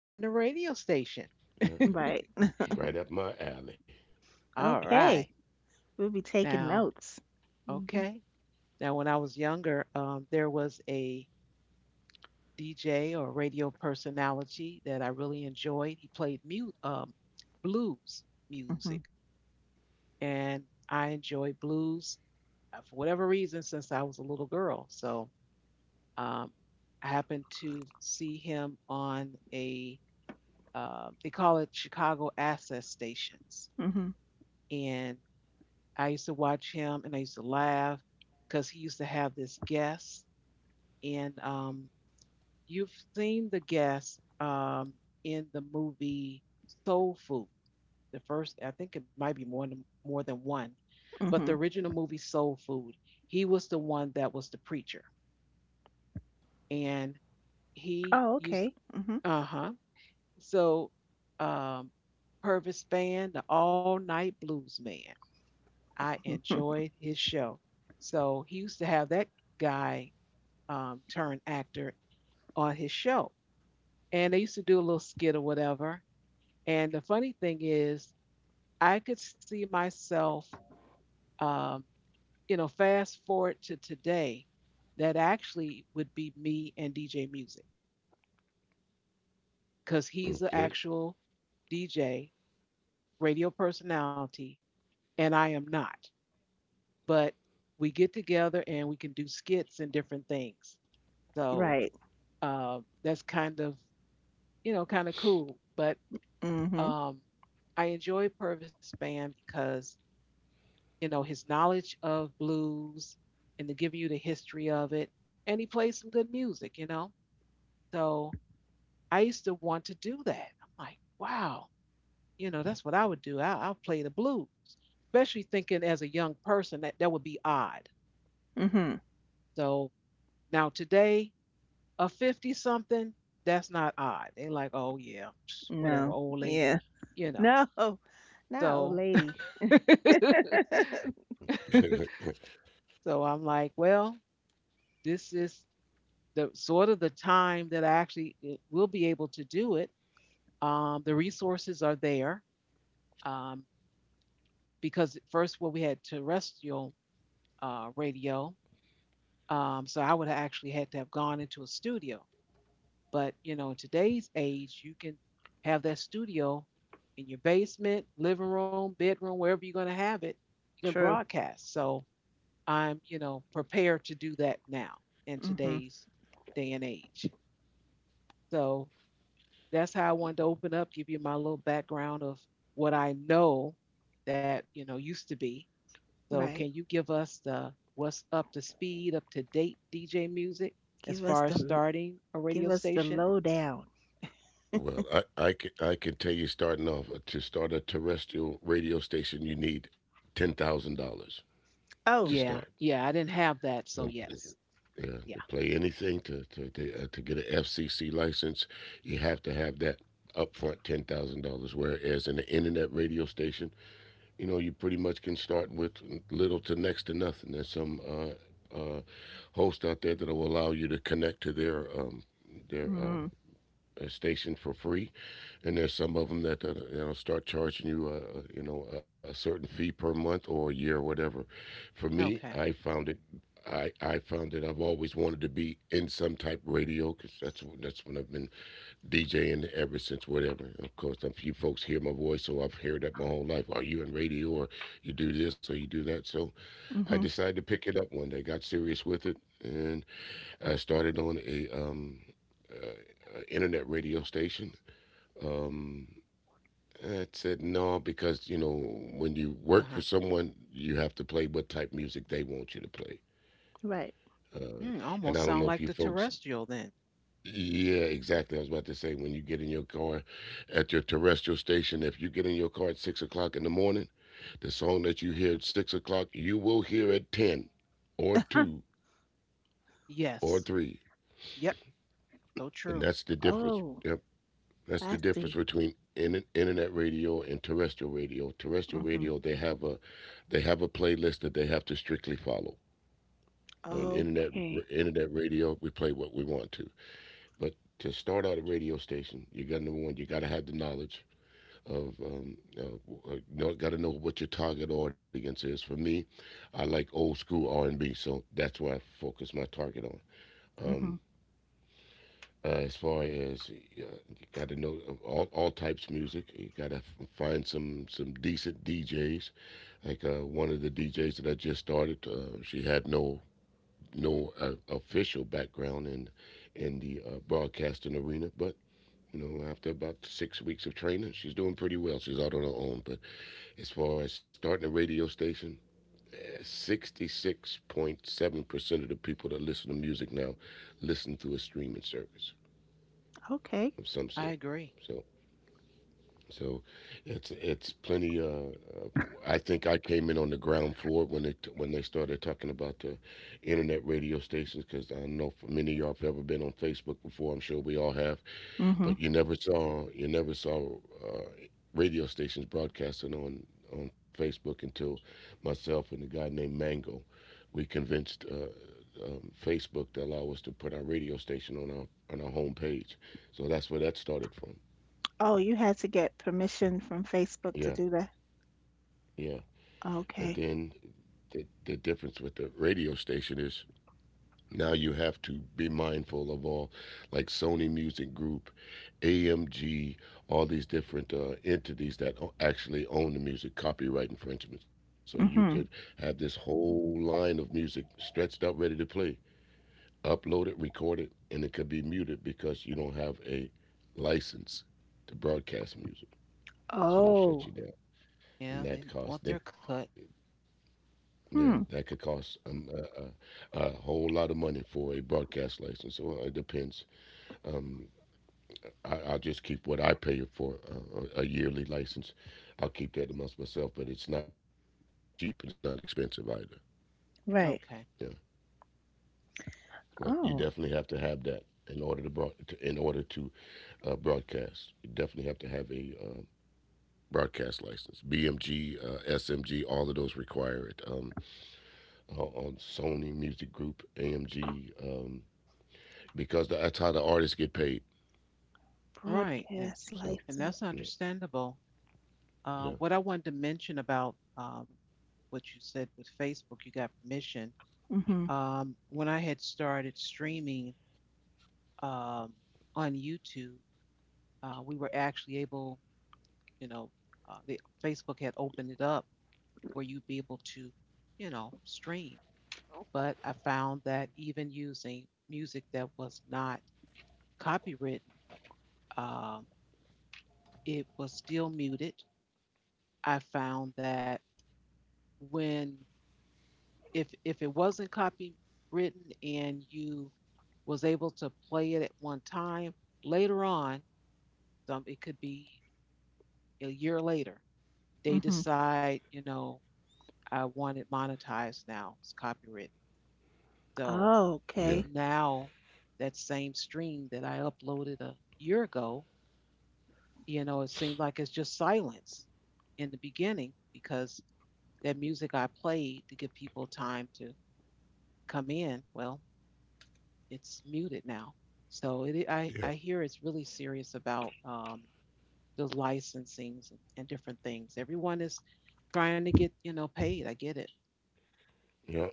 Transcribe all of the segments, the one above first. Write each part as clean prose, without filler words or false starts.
starting a radio station. Uh, Right. Right up my alley. All Okay. right. We'll be taking Now, notes. Mhm. okay. Now, when I was younger, there was a DJ or radio personality that I really enjoyed. He played blues music, Mhm. and I enjoyed blues for whatever reason since I was a little girl. So um, I happened to see him on a they call it Chicago Access Stations, Mhm. and I used to watch him and I used to laugh because he used to have this guest. And you've seen the guest in the movie Soul Food. The first, I think it might be more than one, but the Mhm. original movie Soul Food, he was the one that was the preacher, and he Oh, used. okay. Mhm. Uh huh. So, um, Purvis Spann, the All Night Blues Man. I Mhm. enjoyed his show. So he used to have that guy, turn actor, on his show, and they used to do a little skit or whatever. And the funny thing is, I could see myself, um, fast forward to today, that actually would be me and DJ Music because he's an Okay. actual DJ, radio personality, and I am not. But we get together and we can do skits and different things. So Right. That's kind of cool. But Mhm. um, I enjoy Purvis Band because, his knowledge of blues and to give you the history of it. And he plays some good music. So I used to want to do that. I'm like, wow, that's what I would do. I'll play the blues, especially thinking as a young person that that would be odd. Mhm. So now today, a 50 something, that's not odd. They like, oh yeah, psh, No. whatever, old Yeah. lady, you know. No. Not old So lady. so I'm like, well, this is the sort of the time that I actually will be able to do it. The resources are there, um, because at first, well, we had terrestrial radio, so I would have actually had to have gone into a studio. But, in today's age, you can have that studio in your basement, living room, bedroom, wherever you're going to have it. You can True. broadcast. So I'm, prepared to do that now in Mhm. today's day and age. So that's how I wanted to open up, give you my little background of what I know that used to be. So can Right. you give us the what's up to speed, up to date DJ music as Give us far the as l- starting a give radio us the station? lowdown. I can tell you starting off to start a terrestrial radio station, you need $10,000 to Oh. start. Yeah, yeah, I didn't have that, Don't so play, yes, yeah, to yeah, play anything to get an FCC license, you have to have that upfront $10,000. Whereas in the internet radio station, you know, you pretty much can start with little to next to nothing. There's some hosts out there that will allow you to connect to their their uh, Mhm. Station for free, and there's some of them that you know start charging you, you know, a certain fee per month or a year, or whatever. For me, okay, I found it. I found that I've always wanted to be in some type of radio because that's what I've been DJing ever since whatever. Of course, a few folks hear my voice, so I've heard that my whole life. Are you in radio or you do this or you do that? So I Mhm. decided to pick it up one day, got serious with it, and I started on a internet radio station. Um, I said no because you know when you uh work huh. for someone, you have to play what type music they want you to play. Right. Uh, Mm, and almost I don't sound know if like you the folks. terrestrial then. Yeah, exactly. I was about to say when you get in your car at your terrestrial station, if you get in your car at 6 o'clock in the morning, the song that you hear at 6 o'clock, you will hear at 10 or Huh. two or Yes, three. yep, so And true. that's the difference. Oh, Yep. That's the I difference see. between internet radio and terrestrial radio. Terrestrial Mhm. radio, they have a playlist that they have to strictly follow. On internet Okay. internet radio, we play what we want to. But to start out a radio station, you got number one, you got to have the knowledge of got to know what your target audience is. For me, I like old school R and B, so that's where I focus my target on. Um, Mhm. As far as you got to know all types of music, you got to find some decent DJs. Like one of the DJs that I just started, she had no official background in the broadcasting arena, but you know, after about 6 weeks of training, she's doing pretty well. She's out on her own, but as far as starting a radio station, 66.7% of the people that listen to music now listen through a streaming service Okay. of some I sort. agree. So, so it's plenty. Uh, I think I came in on the ground floor when when they started talking about internet radio stations because I know for many of y'all have ever been on Facebook before. I'm sure we all have. Mhm. But you never saw uh, radio stations broadcasting on Facebook until myself and a guy named Mango, we convinced Facebook to allow us to put our radio station on our home page. So that's where that started from. Oh, you had to get permission from Facebook to Yeah, do that. yeah. But Okay. then the difference with the radio station is, now you have to be mindful of all, like Sony Music Group, AMG, all these different entities that actually own the music, copyright infringement. So you could Mm-hmm. have this whole line of music stretched out, ready to play, upload it, record it, and it could be muted because you don't have a license to broadcast music. So they'll Oh. shut you down, Yeah, and they that want cost their they cut. could. Yeah, that could Hmm. cost a whole lot of money for a broadcast license. So it depends Um, I'll just keep what I pay for a yearly license. I'll keep that amongst myself, but it's not cheap and it's not expensive either. Right. Okay, Yeah, but you Oh, definitely have to have that in order to, in order to broadcast. You definitely have to have a broadcast license. BMG, SMG, all of those require it. On Sony Music Group, AMG, because that's how the artists get paid. right, and broadcast So and license. that's yeah, understandable. Uh, yeah, what I wanted to mention about, what you said with Facebook, you got permission. Mm-hmm. When I had started streaming, um, on YouTube, we were actually able, you know, Facebook had opened it up where you'd be able to, stream. But I found that even using music that was not copywritten, um, it was still muted. I found that when if it wasn't copywritten and you was able to play it at one time later on, some, it could be a year later, they Mm-hmm. decide, I want it monetized. Now it's copyrighted. So Oh, yeah. okay. now that same stream that I uploaded a year ago, it seemed like it's just silence in the beginning, because that music I played to give people time to come in, well, it's muted now. So it, I, yeah. I hear it's really serious about, those licensings, and different things. Everyone is trying to get, paid. I get it. yeah,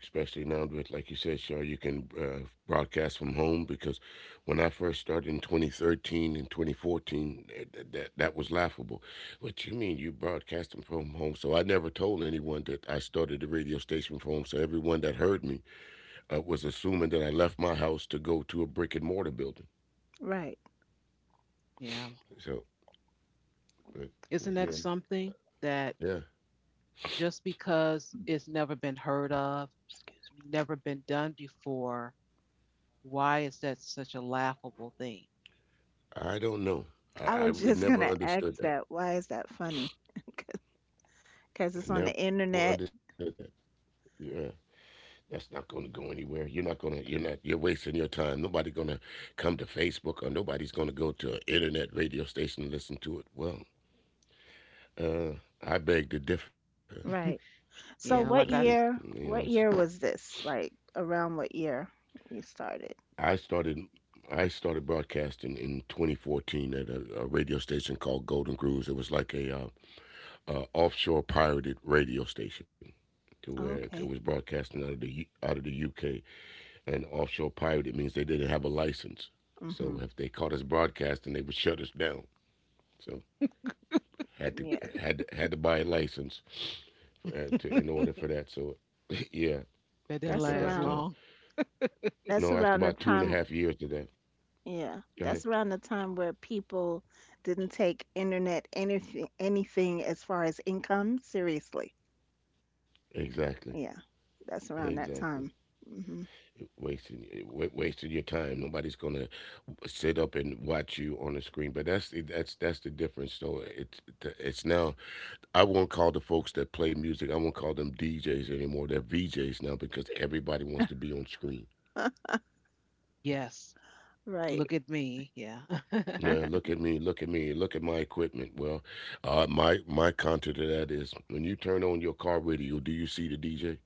especially now with, like you said, Shaw, you can broadcast from home because when I first started in 2013 and 2014, that was laughable. What you mean you broadcasting from home? So I never told anyone that I started the radio station from home. So everyone that heard me was assuming that I left my house to go to a brick and mortar building. Right. Yeah. So, but Isn't that again, something that, yeah, just because it's never been heard of, Excuse never been done before, why is that such a laughable thing? I don't know. me. I was just Never gonna understood ask that. that. Why is that funny? Because I it's on the never understood internet. that. Yeah. That's not going to go anywhere. You're not going to, you're not, you're wasting your time. Nobody's going to come to Facebook or nobody's going to go to an internet radio station and listen to it. Uh, I beg to differ. Right. So I think, So Yeah, like, what you know, year? it's, What year was this? Like around what year you started? I started, I started broadcasting in 2014 at a radio station called Golden Grooves. It was like offshore pirated radio station to where it was Okay. broadcasting out of the out of the UK. And offshore pirate, it means they didn't have a license. So Mhm. if they caught us broadcasting, they would shut us down. So had to Yeah, had to buy a license to in order for that. So yeah, that didn't after that's last about around. Long. That's no, after around the about two and a time. half years of that, Yeah, go that's ahead. around the time where people didn't take internet anything as far as income seriously. Exactly. Yeah, that's around that Exactly. time. Hmm. Wasting your time. Nobody's gonna sit up and watch you on the screen. But that's that's the difference. So it's now I won't call the folks that play music. I won't call them DJs anymore. They're VJs now because everybody wants to be on screen. Yes. Look Right. at me. Yeah. Nah, look at me, look at my equipment. My my counter to that is when you turn on your car radio, do you see the DJ?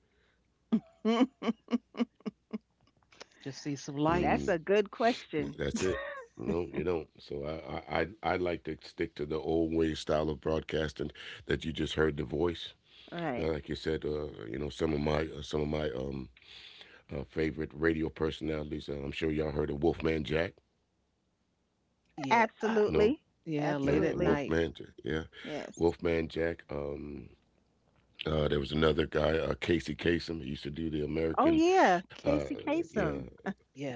Just see some That's Mm, a lights. good no, question. that's it. No, you don't. So I I like to stick to the old way style of broadcasting that you just heard the voice. Right. Like you said, you know some of my favorite radio personalities. I'm sure y'all heard of Wolfman Jack. Yeah. Ah. No, Absolutely. Yeah. Late yeah, at Absolutely. night. Wolfman, Jack, yeah, Yes. Wolfman Jack. There was another guy, Casey Kasem. He used to do the Oh American, yeah, uh, Casey yeah, Kasem.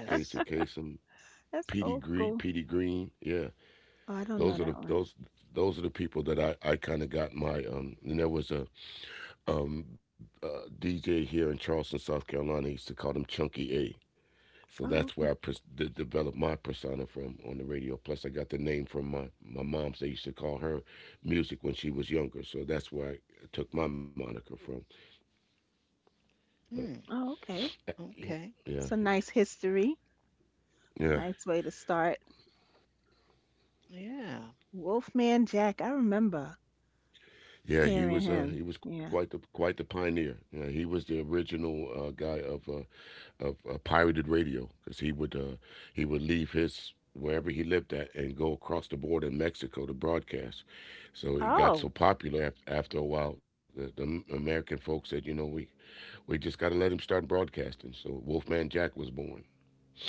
Casey Kasem, That's Petey old Green, school. Petey Green. Yeah, Oh, I don't know those are that the one. those those are the people that I kind of got my And there was a um DJ here in Charleston, South Carolina. He used to call him Chunky A. So that's Oh, where okay. Developed my persona from on the radio. Plus, I got the name from my mom. So they used to call her music when she was younger. So that's where I took my moniker from. But Hmm. Oh, okay. yeah, Okay. yeah, It's a he- nice history. yeah, Nice way to start. Yeah. Wolfman Jack, I remember. yeah. Hearing him, He was yeah. Quite the pioneer. Yeah, he was the original guy of pirated radio because he would leave his wherever he lived at and go across the border in Mexico to broadcast. So he got so Oh, popular after a while, the American folks said, you know, we just got to let him start broadcasting. So Wolfman Jack was born.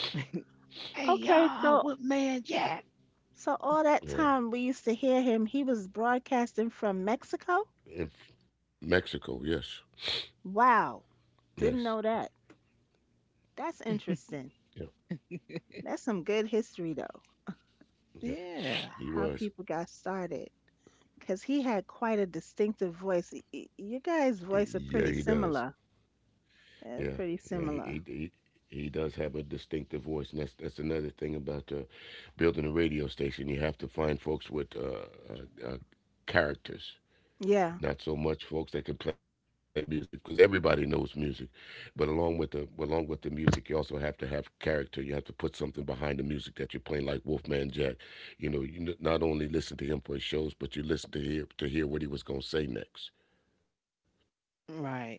Hey okay. y'all, So, Woodman Jack. so all that Yeah, time we used to hear him, he was broadcasting from Mexico? in Mexico. Yes, Wow. yes, Didn't know that. That's interesting. yep, That's some good history, though, yep. Yeah. He how was. people got started. Because he had quite a distinctive voice. You guys' voice are Yeah, he pretty does. similar. Yeah, Pretty yeah, he similar. he he does have a distinctive voice, and that's another thing about building a radio station. You have to find folks with characters, Yeah, not so much folks that can play music, because everybody knows music. But along with the music, you also have to have character. You have to put something behind the music that you're playing, like Wolfman Jack. You know, you not only listen to him for his shows, but you listen to hear what he was gonna say next. Right.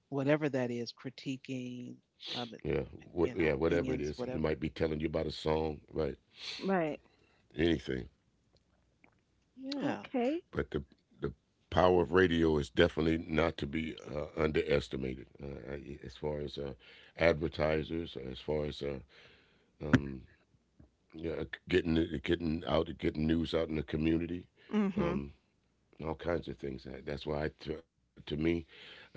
Whatever that is, critiquing, Yeah, um, what? Yeah, whatever it is, he might opinions, be telling whatever. you about a song, right? right. Anything. Yeah. Okay. But the power of radio is definitely not to be underestimated. As far as advertisers, as far as um, yeah, uh, getting getting out, getting news out in the community, Mm-hmm. um, all kinds of things. That's why, to me,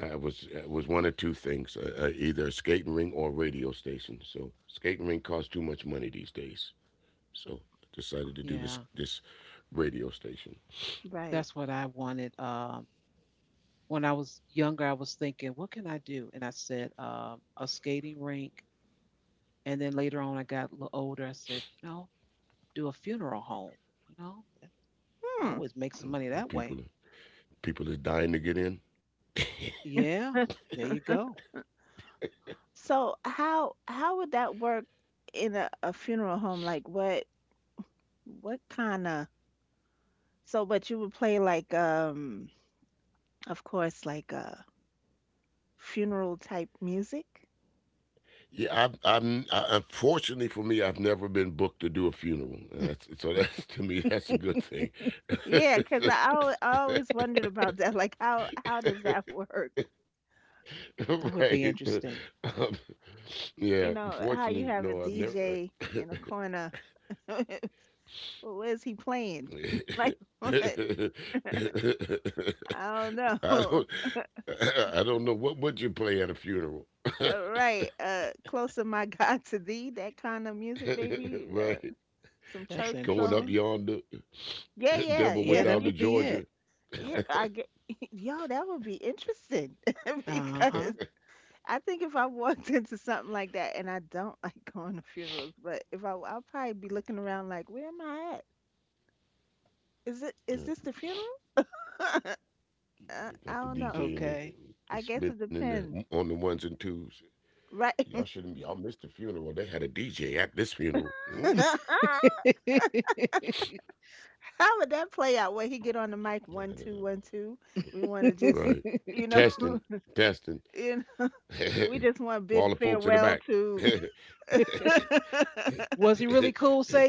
it was one or two things: either a skating ring or a radio station. So skating ring costs too much money these days. So I decided to do this Yeah. this radio station. Right. That's what I wanted. When I was younger, I was thinking, what can I do? And I said, a skating rink. And then later on, I got a little older. I said, do a funeral home. You know, I Hmm. always make some money that People way. people is dying to get in. Yeah. There you go. So how would that work in a funeral home? Like what kind of, so but you would play like of course like funeral type music? Unfortunately for me, I've never been booked to do a funeral. So that's to me, that's a good thing, Yeah, cause I always wondered about that. Like how does that work? That right? would be interesting. Um, yeah, You know, fortunately, how you no, have I've a never. DJ in a corner. Well, where's he playing? Like what? I don't know. I don't. All I don't know what would you play at a funeral, right. Closer my God to thee, that kind of music, maybe. Right? Some That's church Going interesting. up songs. yonder. Yeah, Y- yeah, Devil went Yeah, yeah, that down to would yeah. be it. Georgia. Yeah, I get, y'all, that would be interesting. Uh huh. Because I think if I walked into something like that, and I don't like going to funerals, but if I, I'll probably be looking around like, where am I at? Is it, is Yeah, this the funeral? They I got the don't know. DJ and Okay. the, I and guess it spinning the, depends, on the ones and twos. Y'all right? shouldn't. Y'all missed the funeral. They had a DJ at this funeral. Hmm? How would that play out? Would he get on the mic, one two one two? We want to just, Right. you know, Testing, testing. you know, For we just want to all the bid folks in the farewell back. to. Was he really cool? Say,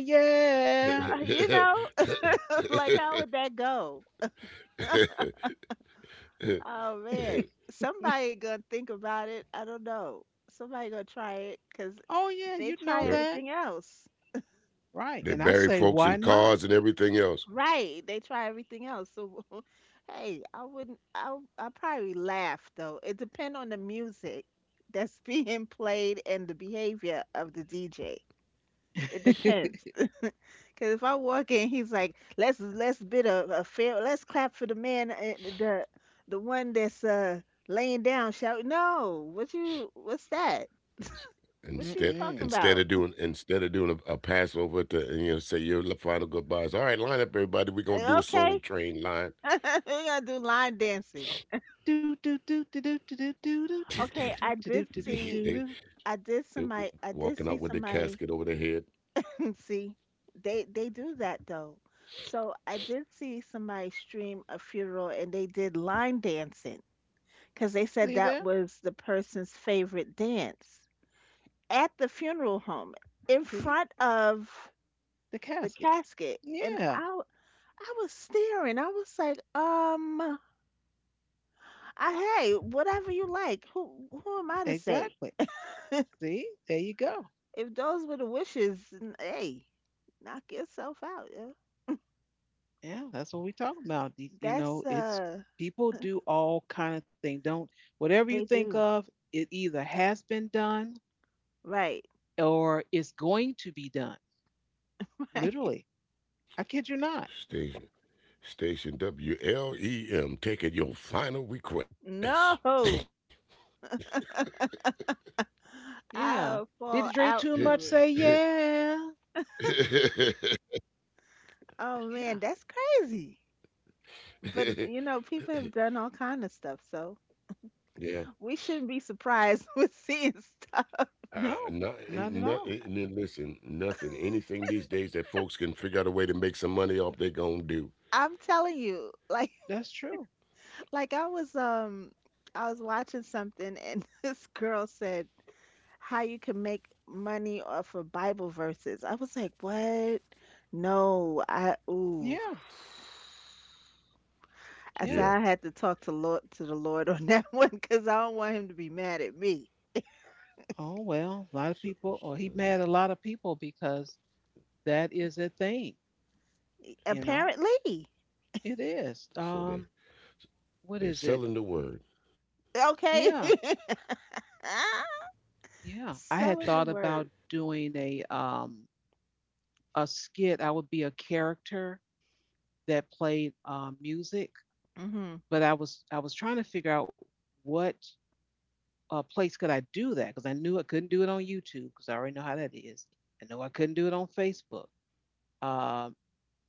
yeah. You know, like how would that go? Oh man, somebody gonna think about it. I don't know. Somebody gonna try it because Oh, yeah, they you try know No, that. everything else. Right. they And I bury say, folks why in not? cars and everything else. Right, they try everything else. So, hey, I wouldn't. I probably laugh though. It depends on the music that's being played and the behavior of the DJ. It depends. Cause if I walk in, he's like, let's bid a fair, let's clap for the man, the one that's laying down. Shout, no, what you, what's that? Ins- What Instead, you talking Mm-mm. instead of about? Doing instead of doing a Passover to and, you know, say your final goodbyes. All right, line up, everybody. We're gonna do a Soul Okay, Train line. we gotta do line dancing. Do, do, do, do, do, do, do, do, do, do, Okay, do, I do, do, They do, did they, do, do, see, do, do. they I w- did somebody, Walking I out with did the see casket over somebody. their head. See, they do that though. So I did see somebody stream a funeral, and they did line dancing because they See said there? that was the person's favorite dance. At the funeral home, in See? front of The the casket. casket, and Yeah, I was staring. I was like, I hey, whatever you like. Who am I to say? exactly. See? There you go. If those were the wishes, n- hey, knock yourself out, yeah. Yeah, that's what we talk about. You That's know, it's people do all kind of thing. Don't. Whatever they you think do. of, it either has been done Right. or it's going to be done. Right. Literally, I kid you not. Station Station WLEM taking your final request. No. Yeah. I'll Did fall you drink out too to much? it. Say yeah. Oh Yeah. man, that's crazy. But you know, people have done all kind of stuff, so Yeah. we shouldn't be surprised with seeing stuff. No, Not, not at not, all. And then listen, nothing, anything these days that folks can figure out a way to make some money off, they gonna do. I'm telling you, like That's true. like I was watching something and this girl said how you can make money off of Bible verses. I was like, "What? No, I ooh." Yeah. I said Yeah. Yeah. I had to talk to Lord to the Lord on that one because I don't want him to be mad at me. Oh well, a lot of So, people, or he so, mad at a lot of people because that is a thing. You know, Apparently, it is. So What they is it? selling the word. okay, Yeah. Yeah, I had selling the thought about word. doing a skit. I would be a character that played, music, Hmm. but I was trying to figure out what, place could I do that, because I knew I couldn't do it on YouTube because I already know how that is. I know I couldn't do it on Facebook. Um,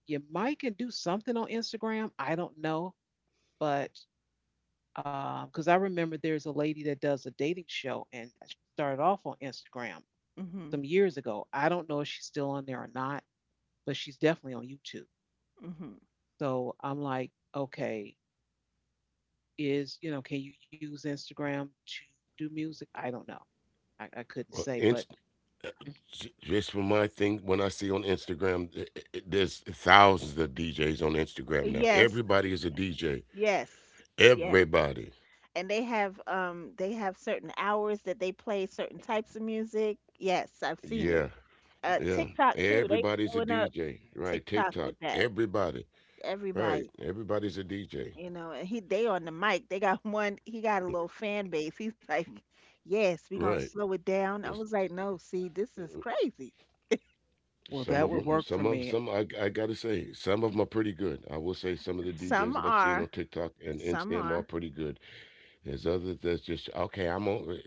you might can do something on Instagram. I don't know, but because I remember there's a lady that does a dating show and she started off on Instagram Hmm. some years ago. I don't know if she's still on there or not, but she's definitely on YouTube. Hmm. So I'm like, okay, can you use Instagram to do music? I don't know. I couldn't Well, say, but inst- Mhm. just from my thing, when I see on Instagram, there's thousands of DJs on Instagram now. Yes. Everybody is a DJ. Yes. Yes. Everybody. And they have certain hours that they play certain types of music. Yes, I've seen Yeah, it. Uh, yeah. TikTok too. They Everybody's a blowing up DJ. Right. TikTok TikTok. with that. Everybody. Right. Everybody, Everybody's a DJ. you know, and he they on the mic. They got one he got a little fan base. He's like, Right. "Yes, we going to slow it There's down." I was like, "No, see, this is crazy." Well, some that of This would them. is work for Some of me. some. I Gotta say, some of them are pretty good. I will say some of the DJs some that I've seen are, on TikTok and some Instagram are are. pretty good. There's others that's just okay. I'm on.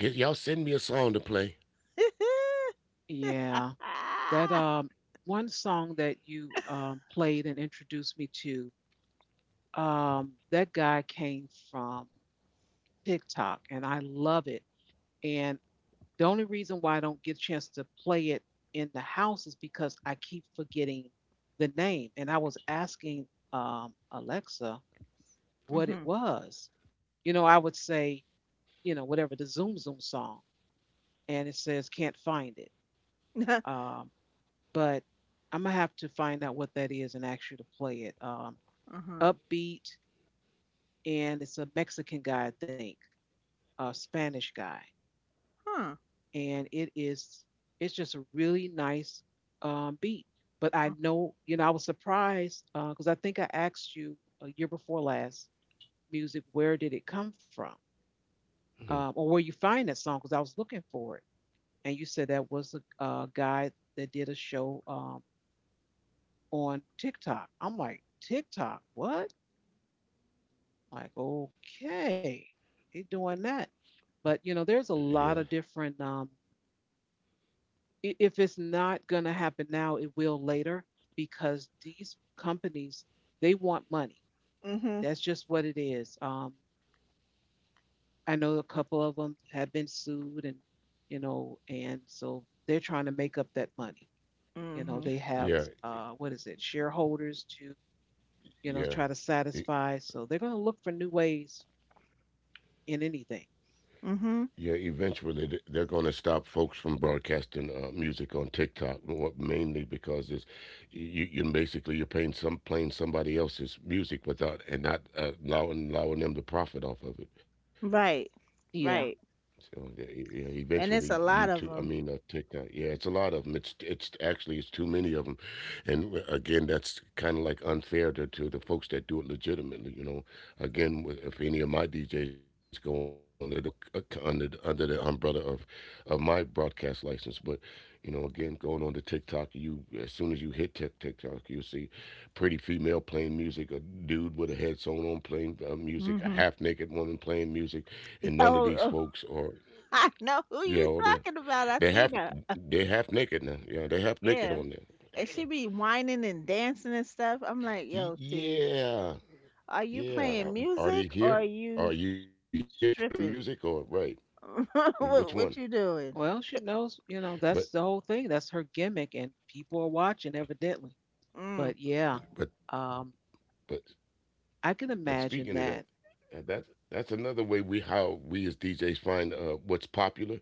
Y'all send me a song to play. Yeah. ah. That, one song that you, played and introduced me to, that guy came from TikTok and I love it. And the only reason why I don't get a chance to play it in the house is because I keep forgetting the name. And I was asking, Alexa what it Mhm. was. I would say, whatever the Zoom Zoom song, and it says can't find it. Um, but I'm gonna have to find out what that is and ask you to play it. Um, uh-huh. upbeat, and it's a Mexican guy, I think, a Spanish guy. Huh. And it's just a really nice, beat. But I know, I was surprised because, I think I asked you a year before last, music, where did it come from, or Mhm. where you find that song? Because I was looking for it, and you said that was a, guy that did a show, on TikTok. I'm like, TikTok, what? I'm like, okay, he doing that. But, there's a lot Yeah. of different, if it's not going to happen now, it will later because these companies, they want money. That's just what it is. I know a couple of them have been sued and so they're trying to make up that money. You know, Mhm. they have, Yeah, what is it, shareholders to, try to yeah, E- satisfy. So they're going to look for new ways in anything. Mhm. yeah. Eventually, they're going to stop folks from broadcasting music on TikTok, mainly because you basically you're paying some playing somebody else's music without and not allowing them to profit off of it. Right. Yeah. Right. So yeah, e- yeah, And eventually it's a lot of YouTube, I them. mean TikTok. Yeah, it's a lot of them. It's actually it's too many of them, and again, that's kind of like unfair to the folks that do it legitimately. You know, again, if any of my DJs go on there, they're all under the umbrella of my broadcast license. But you know, again, going on to TikTok, you as soon as you hit TikTok, you see pretty female playing music, a dude with a headset on playing music, a Mhm. half naked woman playing music, and none of these Oh, oh, folks are. I know who Yeah, you or talking about. I they half seen her. they half naked now. Yeah, they half naked Yeah. on there. And she Damn. be whining and dancing and stuff. I'm like, Ye- yo, see, Yeah, are you yeah. playing Are they music or here? are you Are you s- here for the music or stripping? right? Which one? What you doing? Well, she knows, But that's the whole thing. That's her gimmick, and people are watching, evidently. Mm. But yeah, but um, but I can but imagine speaking of that, that. That's another way we how we as DJs find what's popular.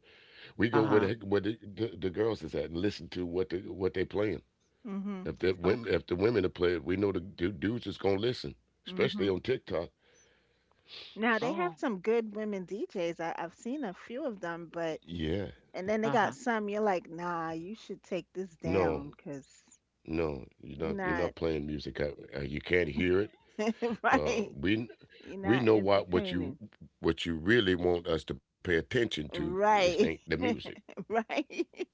We go where Uh-huh. the girls is at and listen to what the what they playing. Mhm. If the women Okay. if the women are playing, we know the dudes is gonna listen, especially Mhm. on TikTok. Now they have Oh. some good women DJs. I've seen a few of them, Yeah. but and then they Uh-huh. got some. You're like, nah, you should take this No, down because no, you're you're not. You're not not. playing music out. You can't hear it. Uh, Right. we You're we not know entertaining. what you really want us to pay attention to. This ain't Right. the music. Right.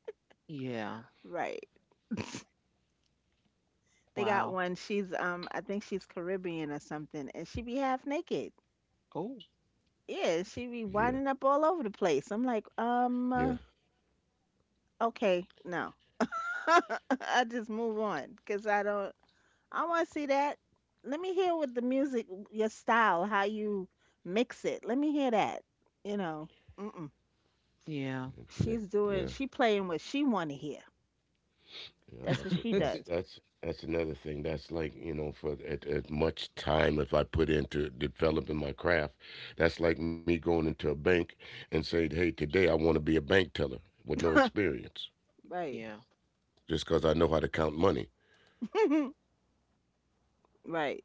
Yeah. Right. They got Wow. one. She's I think she's Caribbean or something and she be half naked. Oh. Yeah, she be Yeah, winding up all over the place. I'm like, yeah, okay, no. I just move on cuz I don't I want to see that. Let me hear with the music your style, how you mix it. Let me hear that. You know. Mm-mm. Yeah. yeah, She's doing yeah. she playing what she want to hear. yeah, That's what that's a, she that's does. that's that's another thing. That's like, you know, for as much time if I put into developing my craft, that's like me going into a bank and saying, "Hey, today I want to be a bank teller with no experience, Right. Yeah. just because I know how to count money." right.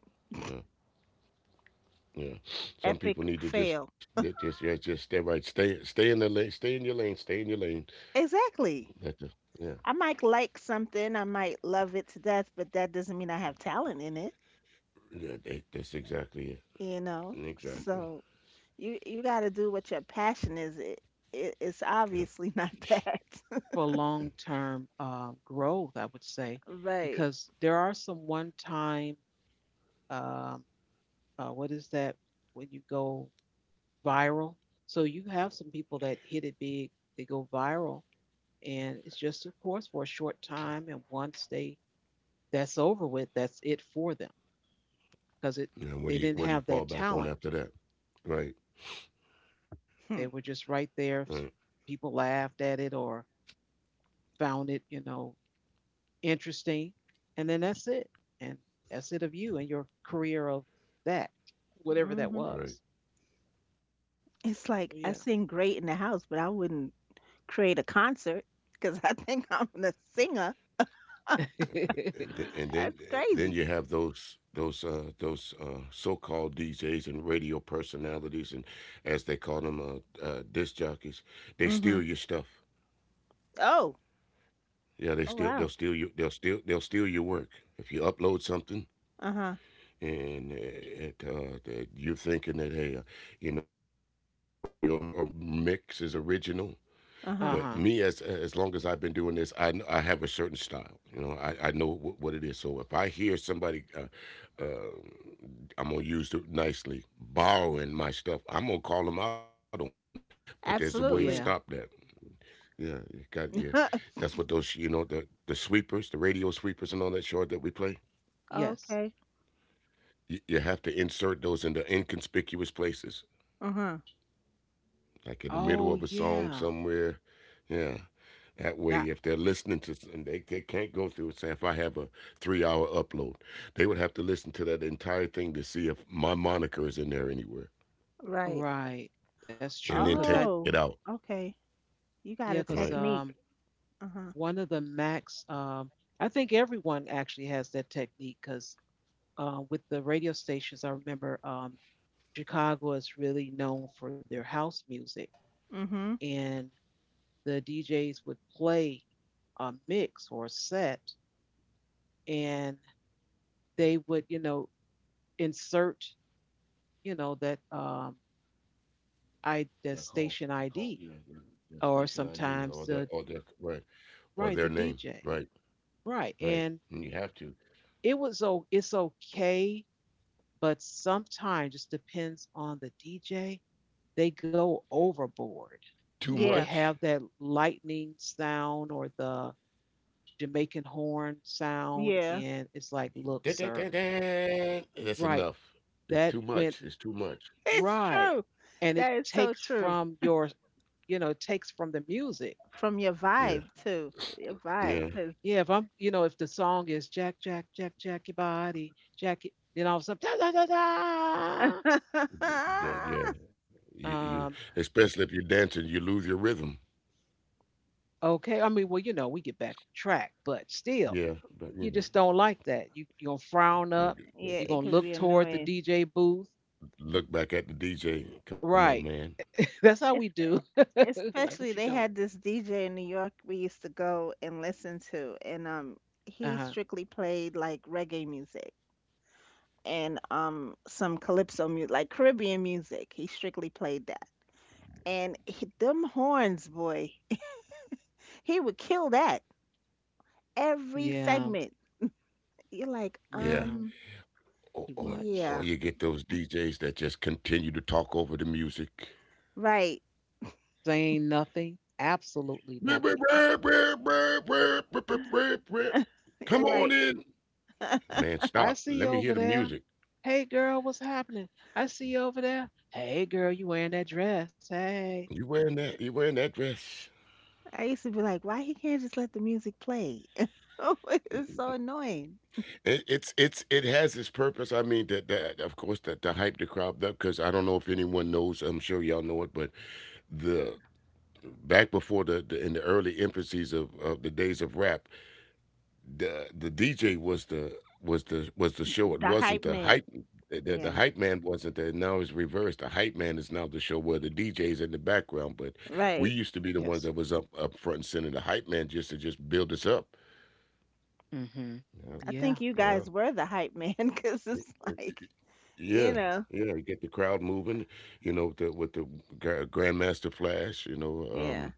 Yeah, some Epic people need to fail. just ju- just yeah just stay right stay stay in the lane, stay in your lane, stay in your lane. Exactly. That's the, yeah I might like something, I might love it to death, but that doesn't mean I have talent in it, yeah that, that's exactly it, you know? So exactly, you got to do what your passion is. It it's yeah. obviously not that. For long-term, growth, I would say, Right. because there are some one-time, um, what is that when you go viral? So you have some people that hit it big, they go viral, and it's just of course for a short time, and once they that's over with, that's it for them because it you know they what do you didn't what do have you that fall back on talent. after that? Right, They Hmm. were just right there. right, People laughed at it or found it, interesting. And then that's it. And that's it of you and your career of that, whatever that Hmm. right. was. It's So, like yeah. I sing great in the house, but I wouldn't create a concert because I think I'm a singer. And That's then you crazy. have those so-called DJs and radio personalities and as they call them disc jockeys, they Hmm. steal your stuff. Oh, Yeah, they oh steal wow. they'll steal you they'll steal your work if you upload something Uh huh. and it, that you're thinking that, hey, you know, your mix is original. But Uh me, Uh huh. Huh. as long as I've been doing this, I have a certain style. You know, I know what it is. So if I hear somebody, uh, I'm gonna use it nicely, borrowing my stuff, I'm gonna call them out on it. But there's a way to stop that. Yeah. Absolutely. Yeah, you got yeah. That's what those, you know, the sweepers, the radio sweepers, and all that short that we play, Yes. Okay. You have to insert those into inconspicuous places, Uh-huh. like in the middle Oh of a song yeah. somewhere. Yeah. That way, Not if they're listening to, they can't go through and say, if I have a 3 hour upload, they would have to listen to that entire thing to see if my moniker is in there anywhere Right. right. That's true. and then Cause I take it out. Oh, okay. You got yeah. a Right. Cause technique. Uh-huh. one of the max I think everyone actually has that technique. Cause with the radio stations, I remember Chicago is really known for their house music, Mm-hmm. and the DJs would play a mix or a set, and they would, insert, you know, that I Yeah, the call, s- station call yeah, ID, their station or ID sometimes or the their, right, or their right the name. DJ, Right, right, right. and And you have to. it was oh it's okay, but sometimes just depends on the DJ. They go overboard. Too They Yeah. much. have that lightning sound or the Jamaican horn sound. Yeah. And it's like, look, sir, That's right, enough. It's that too went much. It's too much. It's right. true. And it That is takes so true. from your, it takes from the music. From your Yeah, vibe too. Your vibe, yeah, 'cause Yeah, if I'm, if the song is Jack, Jack, Jack, Jack your body, Jack, it," then all of a sudden, da, da, da, yeah, yeah. You da. Especially if you're dancing, you lose your rhythm. Okay. I mean, well, we get back on track, but still, Yeah, but you you just know, don't like that. You're going to frown up. Yeah, You're it like, going to could look be toward the annoying. DJ booth. look back at the DJ. Come on, Right. man. That's how It's we do. like, especially what you they doing? had this DJ in New York we used to go and listen to, and he Uh huh. strictly played like reggae music. And some calypso music, like Caribbean music. He strictly played that. And he, them horns, boy, he would kill that every Yeah, segment. You're like, Yeah, yeah, or too or, or much. yeah, you get those DJs that just continue to talk over the music. right. Saying nothing, absolutely nothing. You're Come on like, in, man. I Stop. see you Let me hear over the there. music. Hey, girl, what's happening? I see you over there. Hey, girl, you wearing that dress? Hey. You wearing that? You wearing that dress? I used to be like, why he can't just let the music play? It's so annoying. It's it has its purpose. I mean, that that of course, that to hype the crowd up, because I don't know if anyone knows. I'm sure y'all know it, but the back before the in the early infancies of the days of rap, the DJ was the was the was the show. It The wasn't hype the man. hype. The Yeah, hype man wasn't there. Now it's reversed. The hype man is now the show, where the DJ is in the background. But we right. used to be the Yes. ones that was up front and center. The hype man just to just build us up. Mm-hmm. I Yeah. think you Yeah, guys were the hype man because yeah. it's like, you Yeah, know, yeah, you get the crowd moving, you know, with the Grandmaster Flash, you know, yeah. um,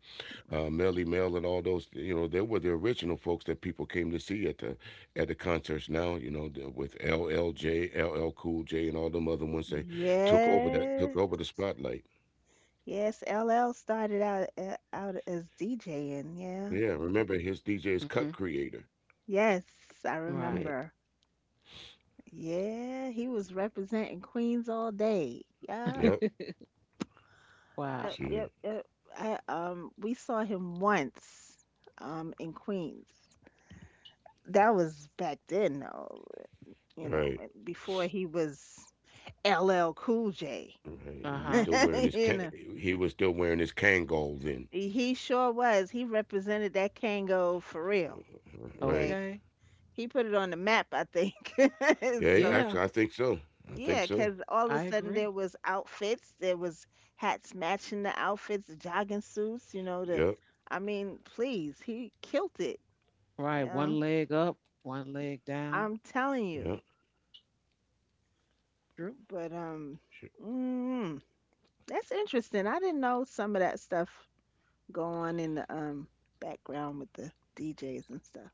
uh, Melly Mel, and all those, you know, they were the original folks that people came to see at the concerts. Now, you know, with LL Cool J, and all them other ones, they Yeah. took over the spotlight. Yes, LL started out out as DJing, yeah. Yeah, remember his DJ's Mm-hmm. Cut Creator. Yes, I Right. Yeah, remember. Yeah, he was representing Queens all day. Yeah, yep, Wow. yep, yep, see, yep. I We saw him once in Queens. That was back then though, you know, right, when- before he was LL Cool J. right. Uh He was huh. still wearing his You know, Kangol then, he sure was. He represented that Kango for real. right. Okay. Okay. He put it on the map, I think. Yeah, yeah, So Yeah, actually, I think so. I yeah, think so. because all of a I sudden there agree. was outfits, there was hats matching the outfits, jogging Yeah, suits, you know, the I mean, please, he killed it. You Right. One know, leg up, one leg down. I'm telling yeah, you. True. But sure. mm, that's interesting. I didn't know some of that stuff go on in the background with the DJs and stuff.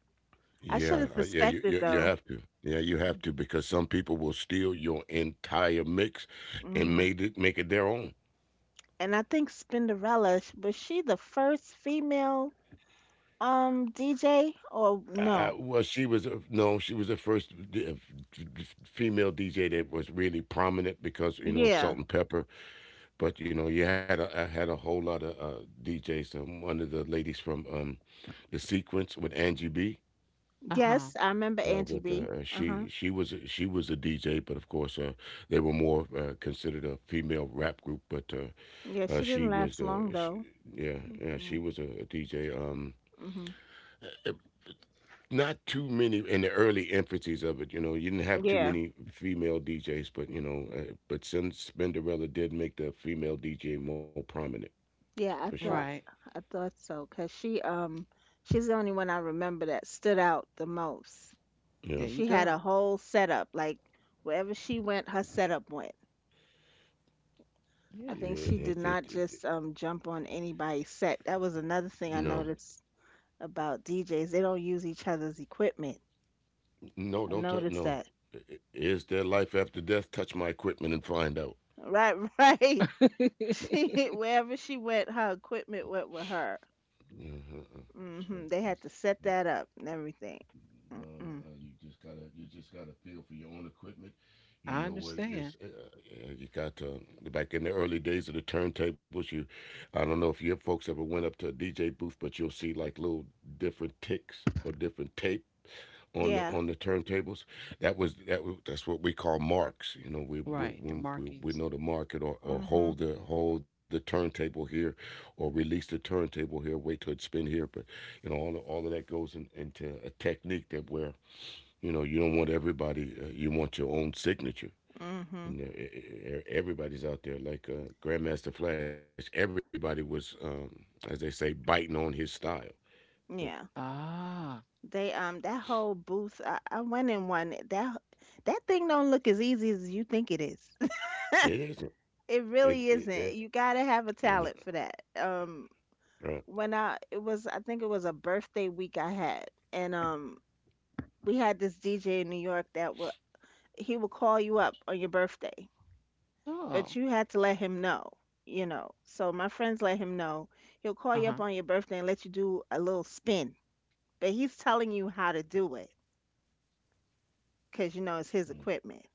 I should have suspected You have though. to. Yeah, you have to because some people will steal your entire mix and Mm-hmm. made it make it their own. And I think Spinderella, sh- was she the first female DJ or I, no? well, she was a, no, She was the first female DJ that was really prominent because, you know, of Yeah. Salt and Pepper. But you know, you had a I had a whole lot of DJs. One of the ladies from the Sequence with Angie B, Uh huh. Yes, I remember Angie with B. Uh-huh. she was she was a DJ, but of course they were more considered a female rap group. But Yeah, she she didn't was last long the sh though. yeah yeah she Yeah. was a DJ. Hmm. Not too many in the early infancies of it. You know, you didn't have too Yeah. many female DJs, but you know, but since Spinderella did make the female DJ more prominent, for Yeah, sure. Right. I thought so 'cause she she's the only one I remember that stood out the most. Yeah, There you She had a go. whole setup like wherever she went, her setup went. I Yeah. think she yeah. did not just jump on anybody's set. That was another thing I No, noticed about DJs. They don't use each other's equipment. no, I don't touch. noticed No, that. Is there life after death? Touch my equipment and find out. Right, right. She wherever she went, her equipment went with her. Uh-huh. It's Hmm. like They that's had to set that's that up and everything. no, no. Mm-mm. You just gotta feel for your own equipment. You I know where you're. understand. You got to back in the early days of the turntables. You, I don't know if your folks ever went up to a DJ booth, but you'll see like little different ticks or different tapes Yeah. on the turntables. That was that's what we call marks. You know, Right. Your we markings. know the market or Hmm. Hold the turntable here, or release the turntable here. Wait till it spin here. But you know, all of that goes into a technique that where you know you don't want everybody. You want your own signature. Hmm. And everybody's out there like Grandmaster Flash. Everybody was, as they say, biting on his style, but Yeah. Ah. They that whole booth. I went in one. That that thing don't look as easy as you think it is. it isn't. It really It isn't. it, You gotta it have a talent for and, that. When Right. I it was I think it was a birthday week I had, and we had this DJ in New York that would he would call you up on your birthday but Oh. you had to let him know, you know. So my friends let him know. He'll call Uh-huh. you up on your birthday and let you do a little spin, but he's telling you how to do it because you know it's his equipment.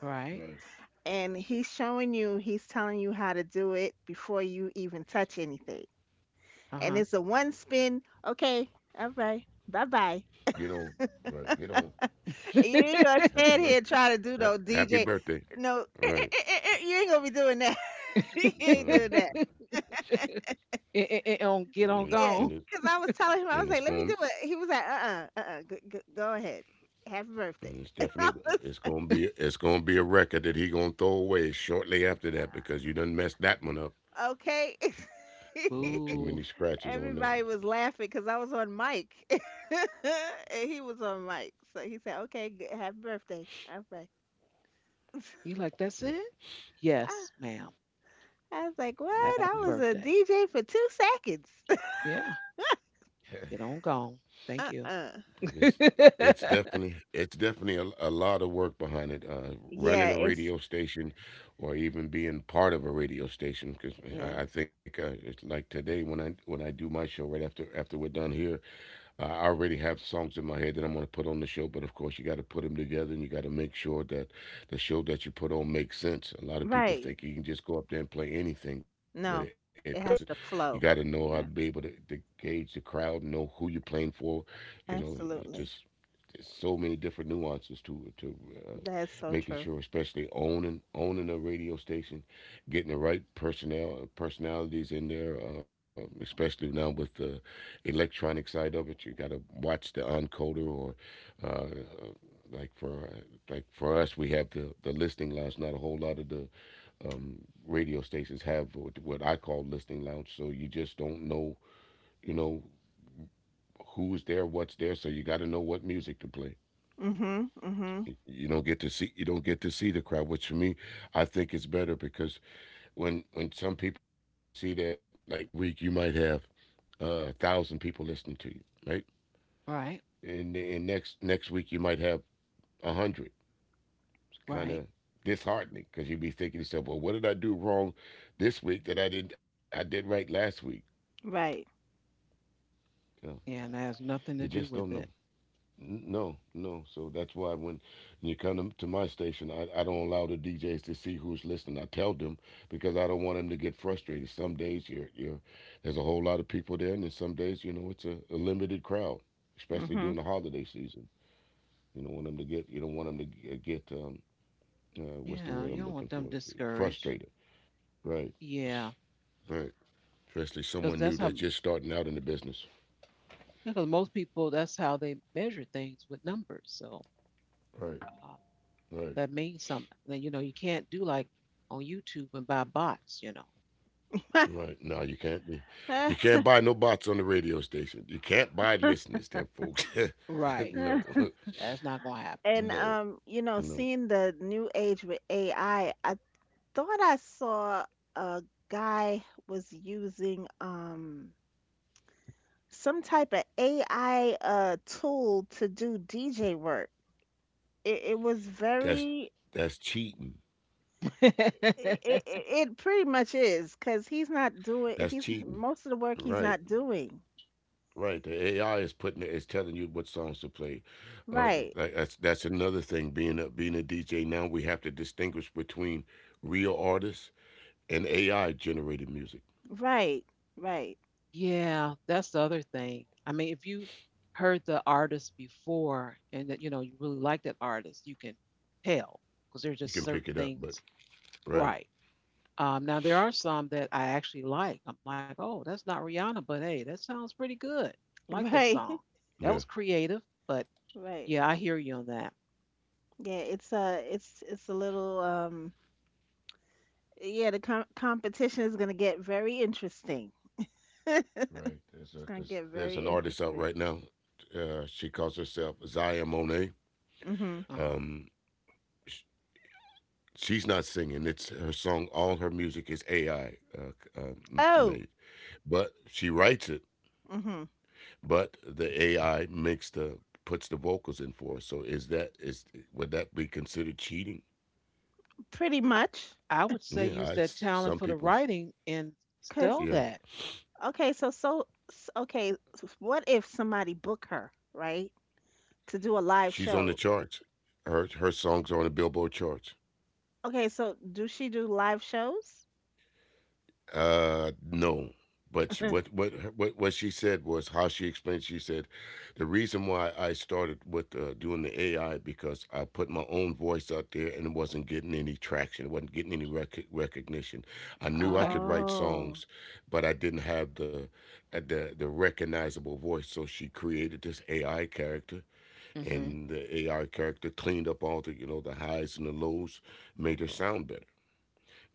Right. uh, And he's showing you, he's telling you how to do it before you even touch anything. And Uh-huh. it's a one spin, okay, all right, bye bye. You don't, right? You don't. You ain't gonna and, stand Happy here and birthday. try to do no Happy DJ. birthday. No, Right. you ain't gonna be doing that. you ain't doing No, that. And on get on Yeah, gone. it's cause I was telling him, and I it's was like, "Let going. me do it." He was like, "Uh-uh, uh-uh, g g go ahead. Happy birthday." And it's And I definitely was, it's gonna be a record that he gonna throw away shortly after that because you done messed that one up. "Okay." You know, too Boo. many scratches on that Everybody one. was laughing cause I was on mic, and he was on mic. So he said, "Okay, g happy birthday." I was like, You like, that's Uh, it? "Ah." Yes, ma'am. I was like, But "What? Happy it I was a birthday. DJ for 2 seconds." Yeah. Get on gone. Thank you. Uh-uh. But it's definitely a lot of work behind it. Yeah, Running a it's radio station, or even being part of a radio station, because yeah. I think it's like today when I do my show right after we're done here, I already have songs in my head that I'm going to put on the show. But of course, you got to put them together, and you got to make sure that the show that you put on makes sense. A lot of people Right. think you can just go up there and play anything, but it No, doesn't. it You has got to to know how to flow. be able Yeah, to gauge the crowd and know who you're playing for. You know, just absolutely. so many different nuances to to uh, That's so making true. sure, especially owning a radio station, getting the right personnel personalities in there, especially now with the electronic side of it. You got to watch the encoder or uh, uh, like for like for us, we have the listing lounge. Not a whole lot of the um, radio stations have what I call listening lounge. So you just don't know, you know who's there, what's there. So you got to know what music to play. Mm-hmm. Mm-hmm. You don't get to see the crowd, which for me I think is better because when some people see that, like 1 week you might have a thousand people listening to you, right, right. and and next week you might have a hundred. It's kind Right. of disheartening because you'd be thinking to yourself, well, what did I do wrong this week that I didn't I did right last week? Right. You know, Yeah, and that has you nothing to just do don't with know. it. No, no. So that's why when you come to my station, I don't allow the DJs to see who's listening. I tell them, because I don't want them to get frustrated. Some days you're there's a whole lot of people there, and then some days, you know, it's a limited crowd, especially Mhm. during the holiday season. You don't want them to get, you don't want them to g- get what's the Yeah, word I'm you don't looking want for? them discouraged. Frustrated. Right, Yeah. right. Especially Because someone that's new how that's just starting out in the business. because most people that's how they measure things with numbers. So Right, uh, right. that means something. Then you know you can't do like on YouTube and buy bots. You know, so Right. No, you can't. You can't buy no bots on the radio station. You can't buy listeners, them folks. right, No, that's not gonna and no, you know, no. seeing the new age with AI, I thought I saw a guy was using some type of AI tool to do DJ work. It was That's very that's cheating. it, happen. it, it pretty much is because he's not doing That's he's cheating. most of the work he's Right, not doing. right. The AI is putting it, is telling you what songs to play. Uh, Right. That's another thing. Being a being a DJ now, we have to distinguish between real artists and AI generated music. Right. Right. Yeah, that's the other thing. I mean, if you heard the artist before and that you know you really like that artist, you can tell because there's You just can certain pick it up, but things right, right. Now there are some that I actually like. I'm like, oh, that's not Rihanna, but hey, that sounds pretty good. I like that Right. song. yeah. That was creative, but Right. yeah, I hear you on that. Yeah, it's a little yeah, the competition is gonna get very interesting. Right. It's gonna get There's an very artist out right interesting. now. She calls herself Zaya Monet. Mm-hmm. Uh-huh. Um, sh- she's not singing. It's her song. All her music is AI Oh, made, but she writes it. mm-hmm. But the AI makes the puts the vocals in for her. So is that is would that be considered cheating? Pretty I much. I would say Yeah, use I that s talent for some the people. writing and Cause Yeah. sell that. okay, so what if somebody book her, right? To do a live She's on the show. charts. Her her songs are on the Billboard charts. Okay, so do she do live shows? No. But she- what her- what she said was how she explained. She said, the reason why I started with doing the AI, because I put my own voice out there and it wasn't getting any traction. It wasn't getting any rec- recognition. I knew I Okay. could write Oh. songs, but I didn't have the recognizable voice. So she created this AI character, Hmm. and the AI character cleaned up all the, you know, the highs and the lows, made her sound better.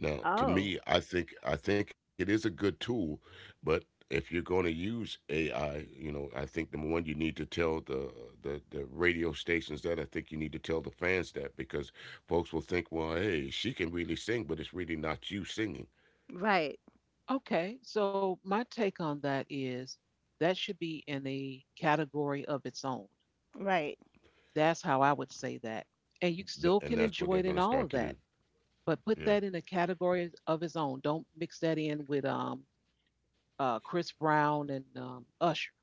Now, to Oh. me, I think it is a good tool, but if you're going to use AI, you know, I think number one, you need to tell the radio stations that. I think you need to tell the fans that because folks will think, well, hey, she can really sing, but it's really not you singing. Right. Okay. So my take on that is that should be in a category of its own. Right. That's how I would say that. And you still And can that's what they're enjoy it going in to all start of to do. that, but put Yeah. that in a category of its own. Don't mix that in with Chris Brown and Usher,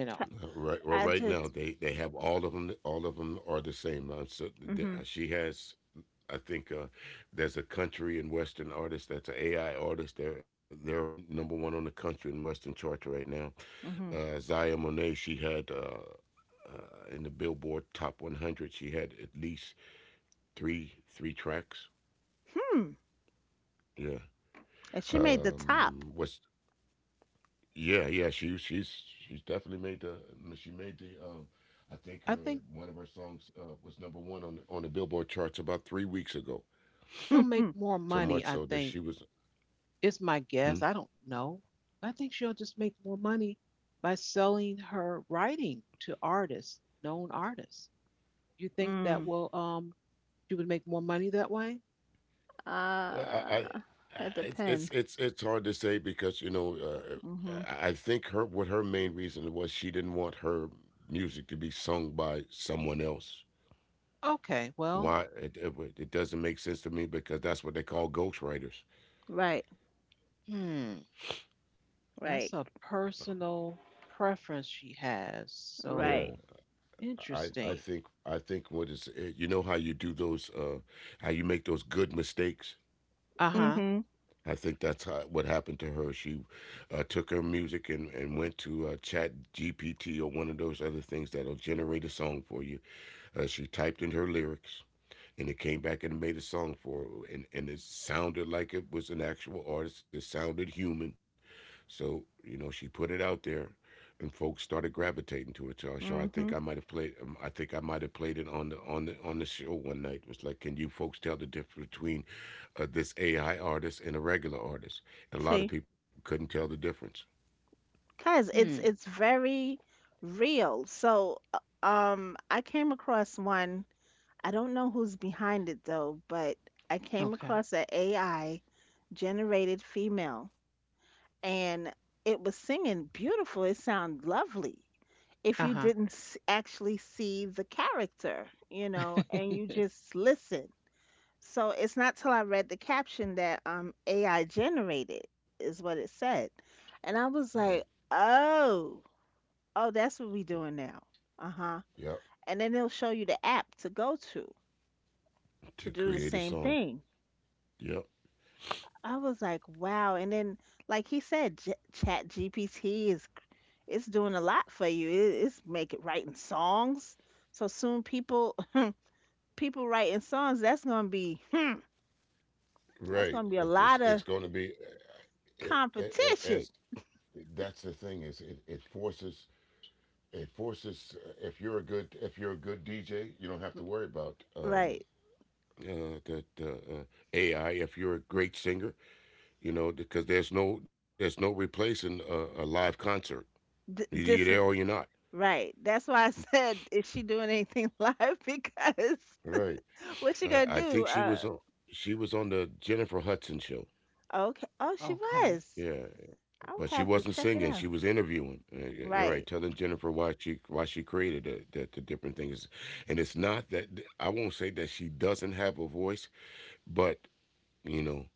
you know. Right, well, right I now just they have all of them. All of them are the same. So th- mm-hmm. she has. I think there's a country and western artist that's an AI artist. They're number one on the country and western chart right now. Mm-hmm. Zaya Monet, she had in the Billboard Top 100, she had at least three tracks. Hmm. Yeah. And she made the top. Was yeah yeah she's definitely made the she made the I think I her think one of her songs was number one on the Billboard charts about 3 weeks ago. he'll make Mm-hmm. more So much money, I so that she think. was. It's my guess. I don't know. I think she'll just make more money by selling her writing to artists, known artists. You think that will she would make more money that way? Well, Uh, it it's it's depends. it's it's hard to say because you know Mhm. I think her what her main reason was, she didn't want her music to be sung by someone else. Okay, well, Why it doesn't make sense to me because that's what they call ghostwriters. Right, hmm, that's right, a personal preference she has. Yeah, right. So I interesting. think I think what is it, you know how you do those how you make those good mistakes. Uh-huh. Mhm. I think that's how, what happened to her. She took her music and went to Chat GPT or one of those other things that'll generate a song for you. She typed in her lyrics, and it came back and made a song for her, and it sounded like it was an actual artist. It sounded human, so you know she put it out there, and folks started gravitating to it. So sure, I think I Mhm. might have played. I think I might have played it on the show one night. It was like, can you folks tell the difference between this AI artist and a regular artist? And a lot of See, people couldn't tell the difference. cause Hmm. it's very real. So, I came across one. I don't know who's behind it though, but I came Okay. across a AI generated female, and it was singing beautiful. It sounded lovely. If you Uh-huh. didn't actually see the character, you know, and you just listen. So it's not till I read the caption that AI generated is what it said. And I was Right. like, "Oh, oh, that's what we doing now." Uh-huh. Yep. And then they'll show you the app to go To to do the create a same song. thing. Yep. I was like, "Wow." And then like he said, Chat GPT is it's doing a lot for you. It's making writing songs. So soon people people writing songs, that's going to be hmm, that's Right. going to be a lot It's of going to be it, it, as competition. that's the thing is it forces it forces if you're a good if you're a good DJ, you don't have to worry about Right. The AI if you're a great singer, you know, because there's no replacing a live concert. Th Either you're this is there or you're not, right. That's why I said, is she doing anything live? Because right. what she I, gonna I do? think she was on the Jennifer Hudson show. Okay. Oh, she Okay. was. Yeah, but she I'll wasn't have to singing; check she it was out. interviewing. You're right, Right. telling Jennifer why she created the different things, and it's not that I won't say that she doesn't have a voice, but you know,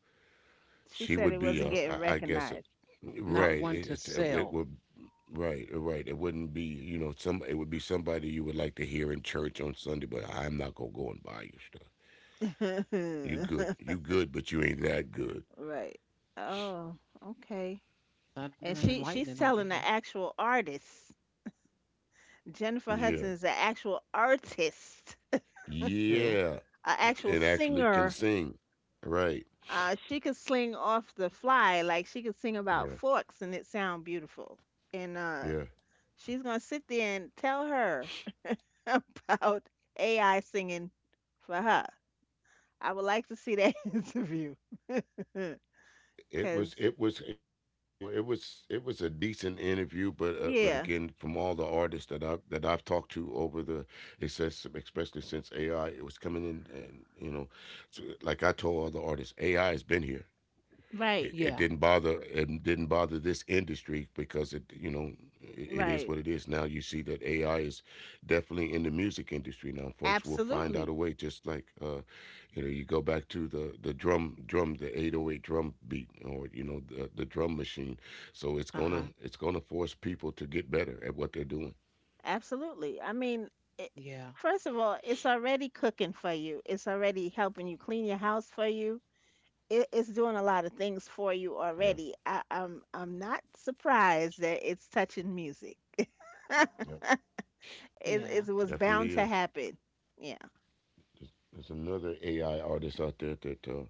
She she said would it be wasn't getting I guess recognized. Not right. one to It, it, sell. it would right right. It wouldn't be, you know, some it would be somebody you would like to hear in church on Sunday, but I'm not gonna go and buy you stuff. You good, but you ain't that good. Right. Oh, okay. And Thundering and she lightning she's over telling the here. actual artist. Jennifer Yeah. Hudson is an actual artist, True. Yeah, an actual and actually can singer. sing. Right. She could sling off the fly, like she could sing about Yeah. forks and it sound beautiful. And Yeah. she's gonna sit there and tell her about AI singing for her. I would like to see that interview. It Cause was it was, you know, it was a decent interview, but again, yeah, from all the artists that I've talked to over the it says especially since AI it was coming in and you know, so like I told all the artists, AI has been here. right, Yeah. It didn't bother this industry because it you know it, it is right, what it is. Now you see that AI is definitely in the music industry. Now folks will find out absolutely, a way just like you know, you go back to the the drum the 808 drum beat or you know the drum machine. So Uh-huh. It's gonna force people to get better at what they're doing. absolutely. I mean, it, Yeah. first of all, it's already cooking for you. It's already helping you clean your house for you. It's doing a lot of things for you Yeah already. I'm not surprised that it's touching music. it, yeah, Yeah. it was bound definitely to is. happen. Yeah. There's another AI artist out there that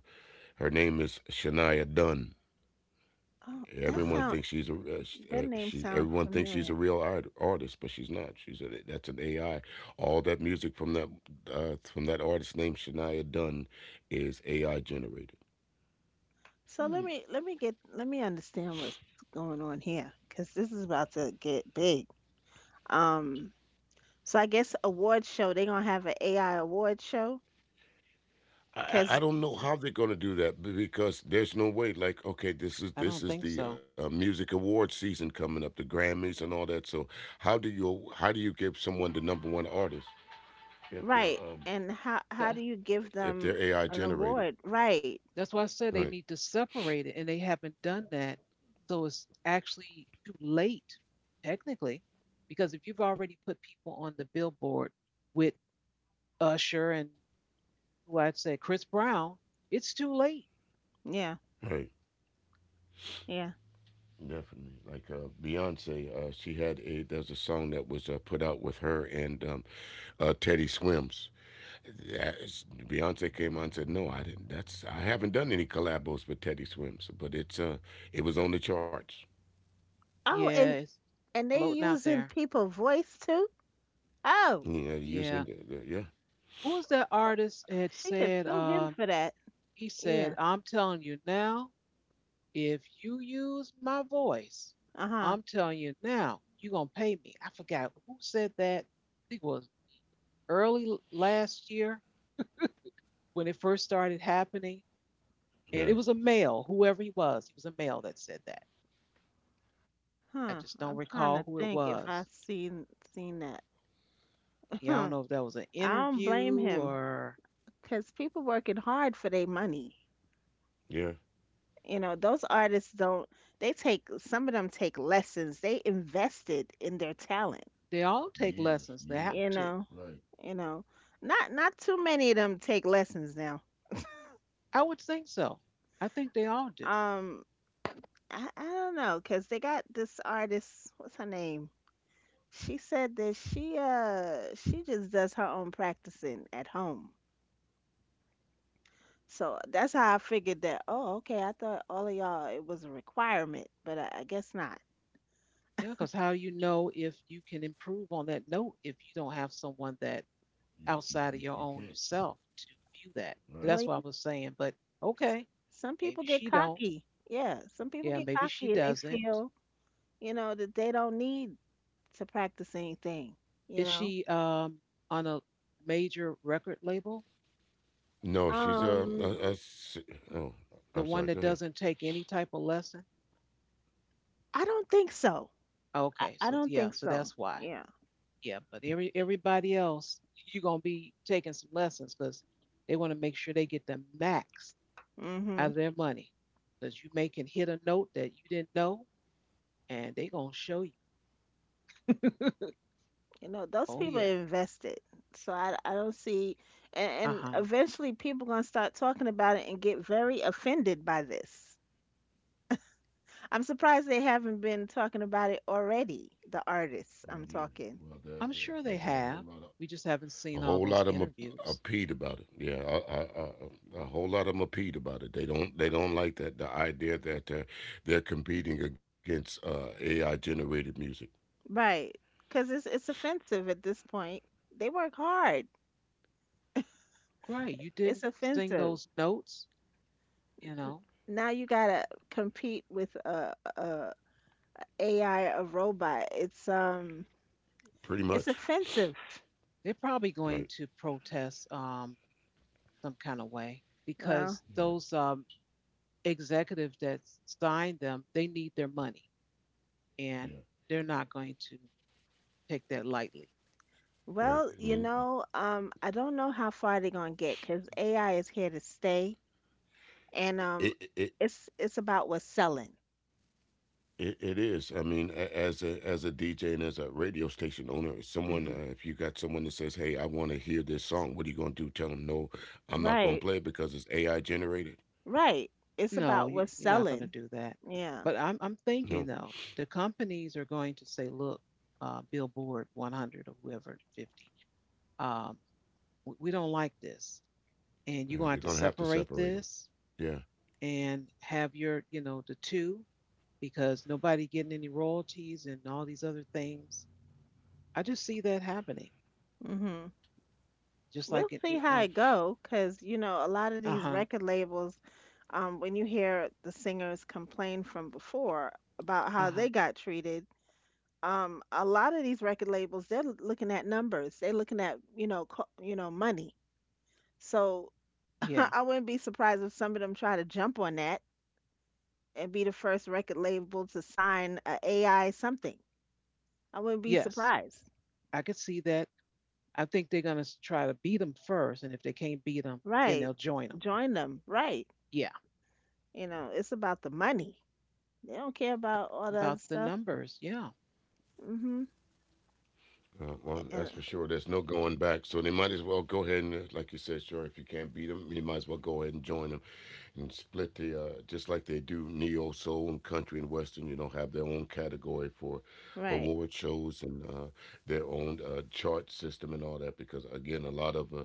her name is Shania Dunn. Oh, that Uh-huh. Everyone sound thinks she's a sh- that name she. sounds Everyone thinks she's a familiar. real artist, but she's not. That's an AI. All that music from that artist named Shania Dunn is AI generated. So Hmm. let me understand what's going on here because this is about to get big. Um. So I guess award show they're gonna have an AI award show I, I because don't know how they're going to do that because there's no way. Like, okay, I don't this think is the so. Music award season coming up, the Grammys and all that. So, how do you give someone the number one artist if right they're um, and how Tha- do you give them if they're an AI award generated? right That's why I said they need to Right, separate it, and they haven't done that. So it's actually too late, technically, because if you've already put people on the billboard with Usher and who I'd say Chris Brown, it's too late. yeah right. yeah Definitely, like Beyonce, she had a there's a song that was put out with her and Teddy Swims. Beyonce came on and said, "No, I didn't. That's I haven't done any collabos with Teddy Swims," but it was on the charts. oh Yeah, and it's And they floating out using there. people voice too? Oh, Yeah, using the, Yeah. the yeah, Who was that uh, artist had she could said, sue him um, for that. he Yeah. said, I'm telling you now, if you use my voice, Uh huh. I'm telling you now, you're gonna pay me. I forgot who said that. I think it was early last year when it first started happening. yeah, And it was a male, whoever he was a male that said that. I Huh. just don't I'm trying recall to who it think if I was. seen seen that. Yeah, I don't Hmm. know if that was an I don't blame interview him or because people working hard for their money. yeah. You know, those artists don't. They take some of them take lessons. They invested in their talent. they all take Years, lessons. They years. have You to. know. Right. You know. Not not too many of them take lessons now. I would think so. I think they all do. Um, I don't know because they got this artist. What's her name? She said that she just does her own practicing at home. So that's how I figured that. Oh, okay. I thought all of y'all it was a requirement, but I guess not. Yeah, because how you know if you can improve on that note if you don't have someone that You outside of you your can't. own yourself to view that. Right. Well, That's what I yeah, was saying. But okay, some maybe people get she don't. cocky. Yeah, some people Yeah, get maybe she cocky and they doesn't. feel, you know, that they don't need to practice anything, you Is know. she on a major record label? No, she's Um, oh, The I'm one sorry. that Go ahead. doesn't take any type of lesson? I don't think so. Okay, I so don't yeah, think so so. that's why. Yeah. Yeah, but everybody else, you're gonna be taking some lessons because they want to make sure they get the max hmm out of their money. Because you may can hit a note that you didn't know, and they gonna show you. You know, those Oh people yeah, invested. So I don't see, and, uh and huh. eventually people going to start talking about it and get very offended by this. I'm surprised they haven't been talking about it already, the artists I'm Oh yeah. talking. Well, I'm sure they there's a whole have. lot of We just haven't a seen all whole those lot of them are interviews. peed about it. Yeah, a whole lot of them are peed about it. They don't like that the idea that they're competing against AI generated music. Right. Because it's offensive at this point. They work hard. Right, you It's didn't sing offensive. those notes. You know, Now you got to compete with a AI, a robot. Pretty much, It's offensive. they're probably right? going to protest some kind of way Well, because Yeah, those executives that signed them, they need their money. And yeah, they're not going to take that lightly. right. well, you And then know, I don't know how far they're gonna get because AI is here to stay, and it it. it it's about what's selling. it is. I mean, as a DJ and as a radio station owner, someone Hmm. If you got someone that says, "Hey, I want to hear this song," what are you gonna do? Tell them, "No, I'm not gonna Right, play it because it's AI generated." right. It's No, about you, what's you're not going to selling. do that. Yeah. But I'm No, thinking though, the companies are going to say, look, Billboard 100 or whoever 50, um, we don't like this, and you're going to you're have to gonna have to separate separate them. this Yeah. and have your, you know, the two because nobody getting any royalties and all these other things I just see that happening. Mhm. Just We'll like it, see you how know, it because you know, a lot of uh these huh, record labels, when you hear the singers complain from before about uh how huh, they got treated, a lot of these record labels, they're looking at numbers. They're looking at, you know, co you know, money. So yeah, I wouldn't be surprised if some of them try to jump on that and be the first record label to sign a AI something. I wouldn't be yes, surprised. I could see that. I think they're gonna try to beat them first, and if they can't beat them, then Right. they'll join them. Join them. Right. Yeah, You know, it's about the money. They don't care about all the other about the stuff. numbers. Yeah, Mhm. Well, And that's for sure. There's no going back. So they might as well go ahead and, like you said, sure, if you can't beat them, you might as well go ahead and join them and split the, just like they do neo soul and country and western. You know, have their own category for right. award shows and their own chart system and all that. Because again, a lot of,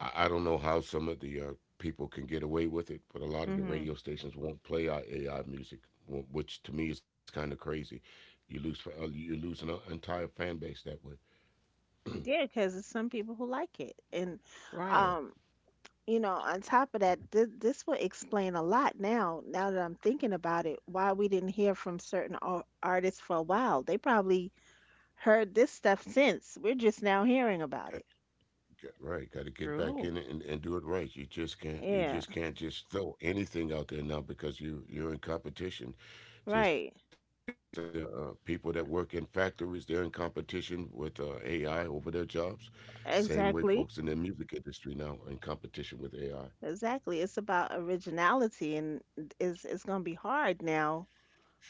I don't know how some of the people can get away with it, but a lot of the Mhm. radio stations won't play our AI music, which to me is kind of crazy. You lose, you lose an entire fan base that way. Yeah, cuz there's some people who like it. And right, Yeah. um, you know, on top of that, this will explain a lot now now that I'm thinking about it, why we didn't hear from certain artists for a while. They probably heard this stuff since. We're just now hearing about Got, it. Right, got to get back true. in it and do it right. You Yeah, just can't just throw anything out there now because you're in competition. Just right. that just as the people that work in factories, they're in competition with AI over their jobs. Same way, Exactly. folks in the music industry now are in competition with AI. Exactly. It's about originality and is it's gonna be hard now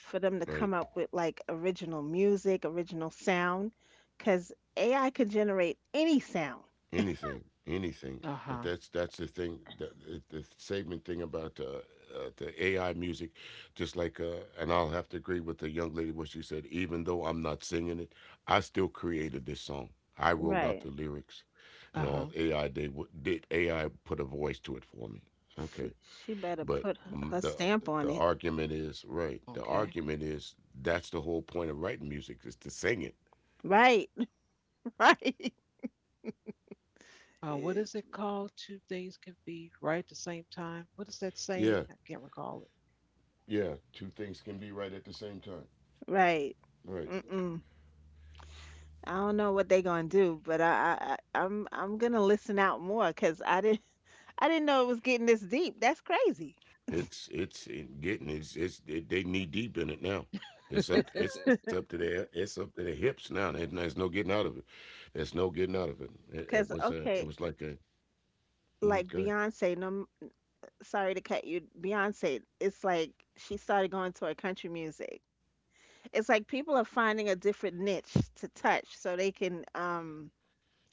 for them to come Right. up with like original music, original sound, 'cause AI can generate any sound. Anything, anything. Uh But huh, that's the thing, the saving thing about the AI music. Just like, and I'll have to agree with the young lady what she said. Even though I'm not singing it, I still created this song. I wrote out the Right. lyrics, uh and all huh. AI did did AI put a voice to it for me. Okay, She she better but put her mm, her the stamp on the it. argument is right. The Okay. argument is that's the whole point of writing music is to sing it. Right. Right. What is it called? Two things can be right at the same time. What is that saying? Yeah, I can't recall yeah. Two things can be right at the same time. Right. Right. Mm-mm. I don't know what they gonna do, but I'm gonna listen out more because I didn't know it was getting this deep. That's crazy. It's it getting they knee deep in it now. It. It's up to their it's up to their hips now. There's no getting out of it. There's no getting out of it. Cause It okay, was like a mm like go ahead. Beyonce, no, sorry to cut you. Beyonce, it's like she started going toward country music. It's like people are finding a different niche to touch so they can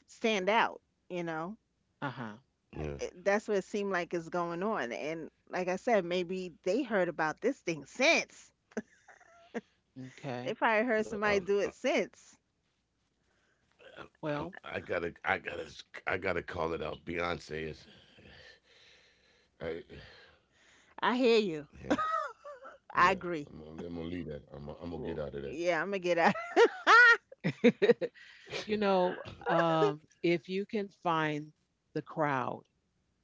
stand out. You know, uh huh. Yeah. That's what it seemed like is going on. And like I said, maybe they heard about this thing since. Well, They Okay. Probably heard somebody do it since. I'm, I Well, gotta, I gotta, I gotta call it out. Beyonce is, I, I hear you. yeah, yeah. I agree. I'm gonna leave that. I'm gonna get out Well, of that. yeah, I'm gonna get out. you know, if you can find the crowd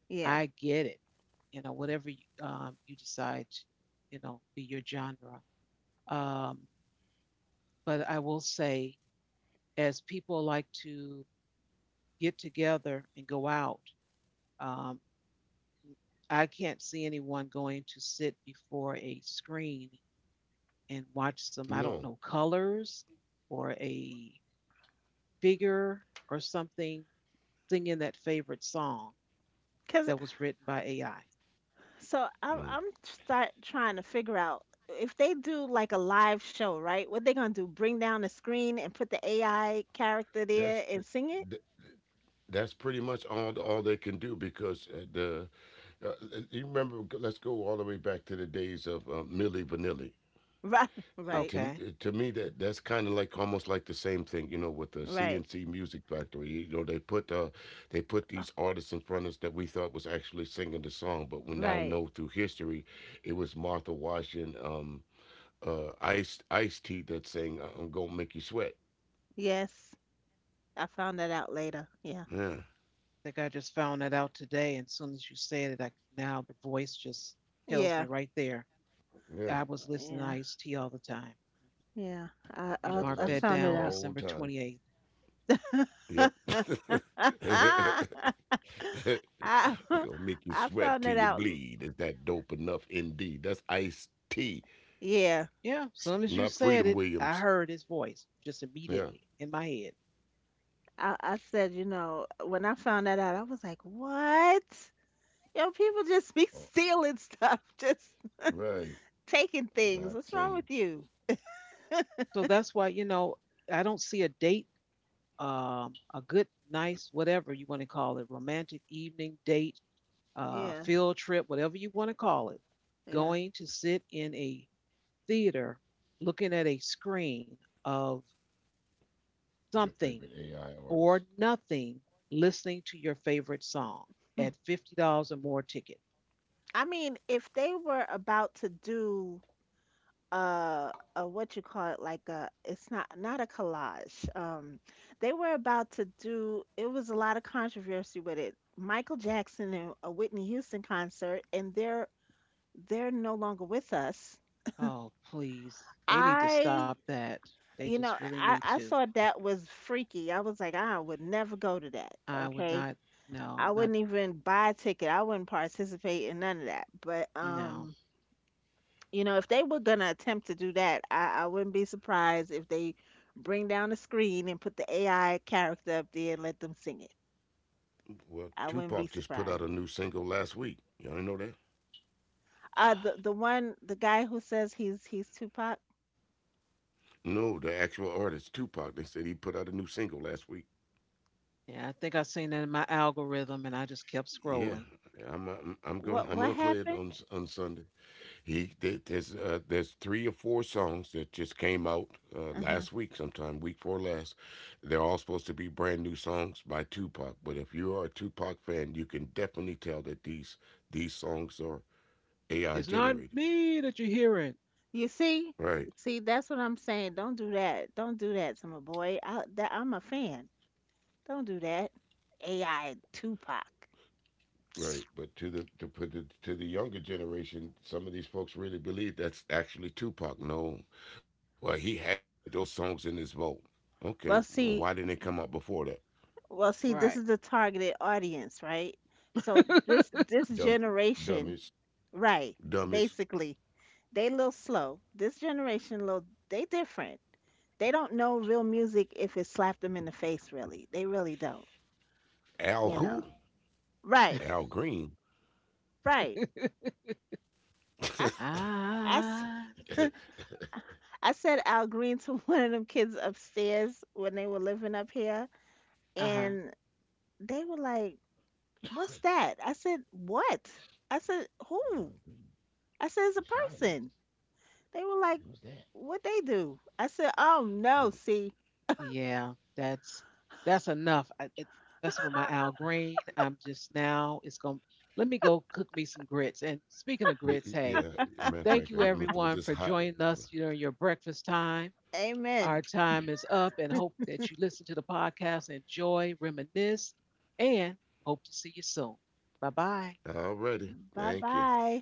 Yeah, I get it. You know, whatever you, you decide, to, you know, be your genre. Um, but I will say, as people like to get together and go out, um, I can't see anyone going to sit before a screen and watch some, I don't No, know, colors or a figure or something singing that favorite song because that was written by AI. So I'm mm. Start trying to figure out if they do like a live show, right? What they gonna do? Bring down the screen and put the AI character that's there and sing it? that's pretty much all they can do because the you remember let's go all the way back to the days of Milli Vanilli. Right, Uh, right, to Okay. to me that that's kind of like almost like the same thing, you know, with the right, CNC Music Factory. You know, they put uh, these artists in front of us that we thought was actually singing the song, but we now right. know through history it was Martha Wash and Ice T that sang "I'm gonna make you sweat." Yes, I found that out later. Yeah, Yeah, Think I just found that out today. And as soon as you said it, I, now the voice just tells me yeah, right there. I yeah, was listening to yeah, Ice T all the time. yeah. that was Let me Ice mark T the I that found whole down, it out. time. December 28th. Yep. I Gonna make you I sweat found till it you out. bleed. Is that dope enough? Indeed. That's Ice T, Yeah, Yeah, as soon as you not said Freedom it, I Williams. heard his voice just Yeah. immediately in my head. I said, you know, when I found that out, I was like, what? Yo, people just be Oh, stealing stuff, just right. taking things. Not What's wrong singing. with you? So that's why, you know, I don't see a date, a good, nice, whatever you want to call it, romantic evening date, Yeah, field trip, whatever you want to call it, yeah. going to sit in a theater looking at a screen of Your something favorite AI or artist. nothing listening to your favorite song Hmm. at $50 or more ticket. I mean, if they were about to do uh a what you call it like a it's not not a collage. They were about to do it was a lot of controversy with it. Michael Jackson and a Whitney Houston concert and they're no longer with us. Oh, please. They need to stop I that. They you just know, really need I to. thought that was freaky. I was like, I would never go to that. I would Okay? not. No, I'm I not. wouldn't even buy a ticket. I wouldn't participate in none of that. But No. You know, if they were gonna attempt to do that, I wouldn't be surprised if they bring down the screen and put the AI character up there and let them sing it. I Well, wouldn't be Tupac just surprised. put out a new single last week. Y'all didn't know that? The one the guy who says he's Tupac. No, the actual artist, Tupac. They said he put out a new single last week. Yeah, I think I seen that in my algorithm and I just kept Yeah, scrolling. I'm going. I'm What gonna play it happened? On Sunday. He there's three or four songs that just came out Uh huh. last week, sometime week four last. They're all supposed to be brand new songs by Tupac. But if you are a Tupac fan, you can definitely tell that these songs are AI It's not generated. me that you're hearing. You see, Right, see that's what I'm saying. Don't do that. Don't do that to my boy. I, that I'm a fan. Don't do that. AI Tupac. right. But to the to the younger generation, some of these folks really believe that's actually Tupac. No, well he had those songs in his vault. Okay, well, why Well, didn't they see, come out before that? well, see, this Right. is the targeted audience, right? So this Dumb, generation, dumbest, right, dumbest. basically, they a little slow. This generation, little, they different. They don't know real music if it slapped them in the face, really. They really don't, Al you know. who? Right, Al Green. right. I, I, s- Ah. Yeah, I said Al Green to one of them kids upstairs when they were living up here, Uh-huh. and they were like, "What's that?" I said, "What?" I said, Al "Who?" Green. I said, "It's The a Shy Lakes. person." They were like, Who's that? what they do? I said, oh no, see, Yeah, that's enough. Messing with my Al Green, I'm just now. It's gonna let me go cook me some grits. And speaking of grits, hey, Yeah, matter of thank you fact, I am gonna everyone throw for this hot. joining us during your breakfast time. Our amen. time is up, and hope that you listen to the podcast, enjoy, reminisce, and hope to see you soon. Bye bye. Already, Bye thank you. bye.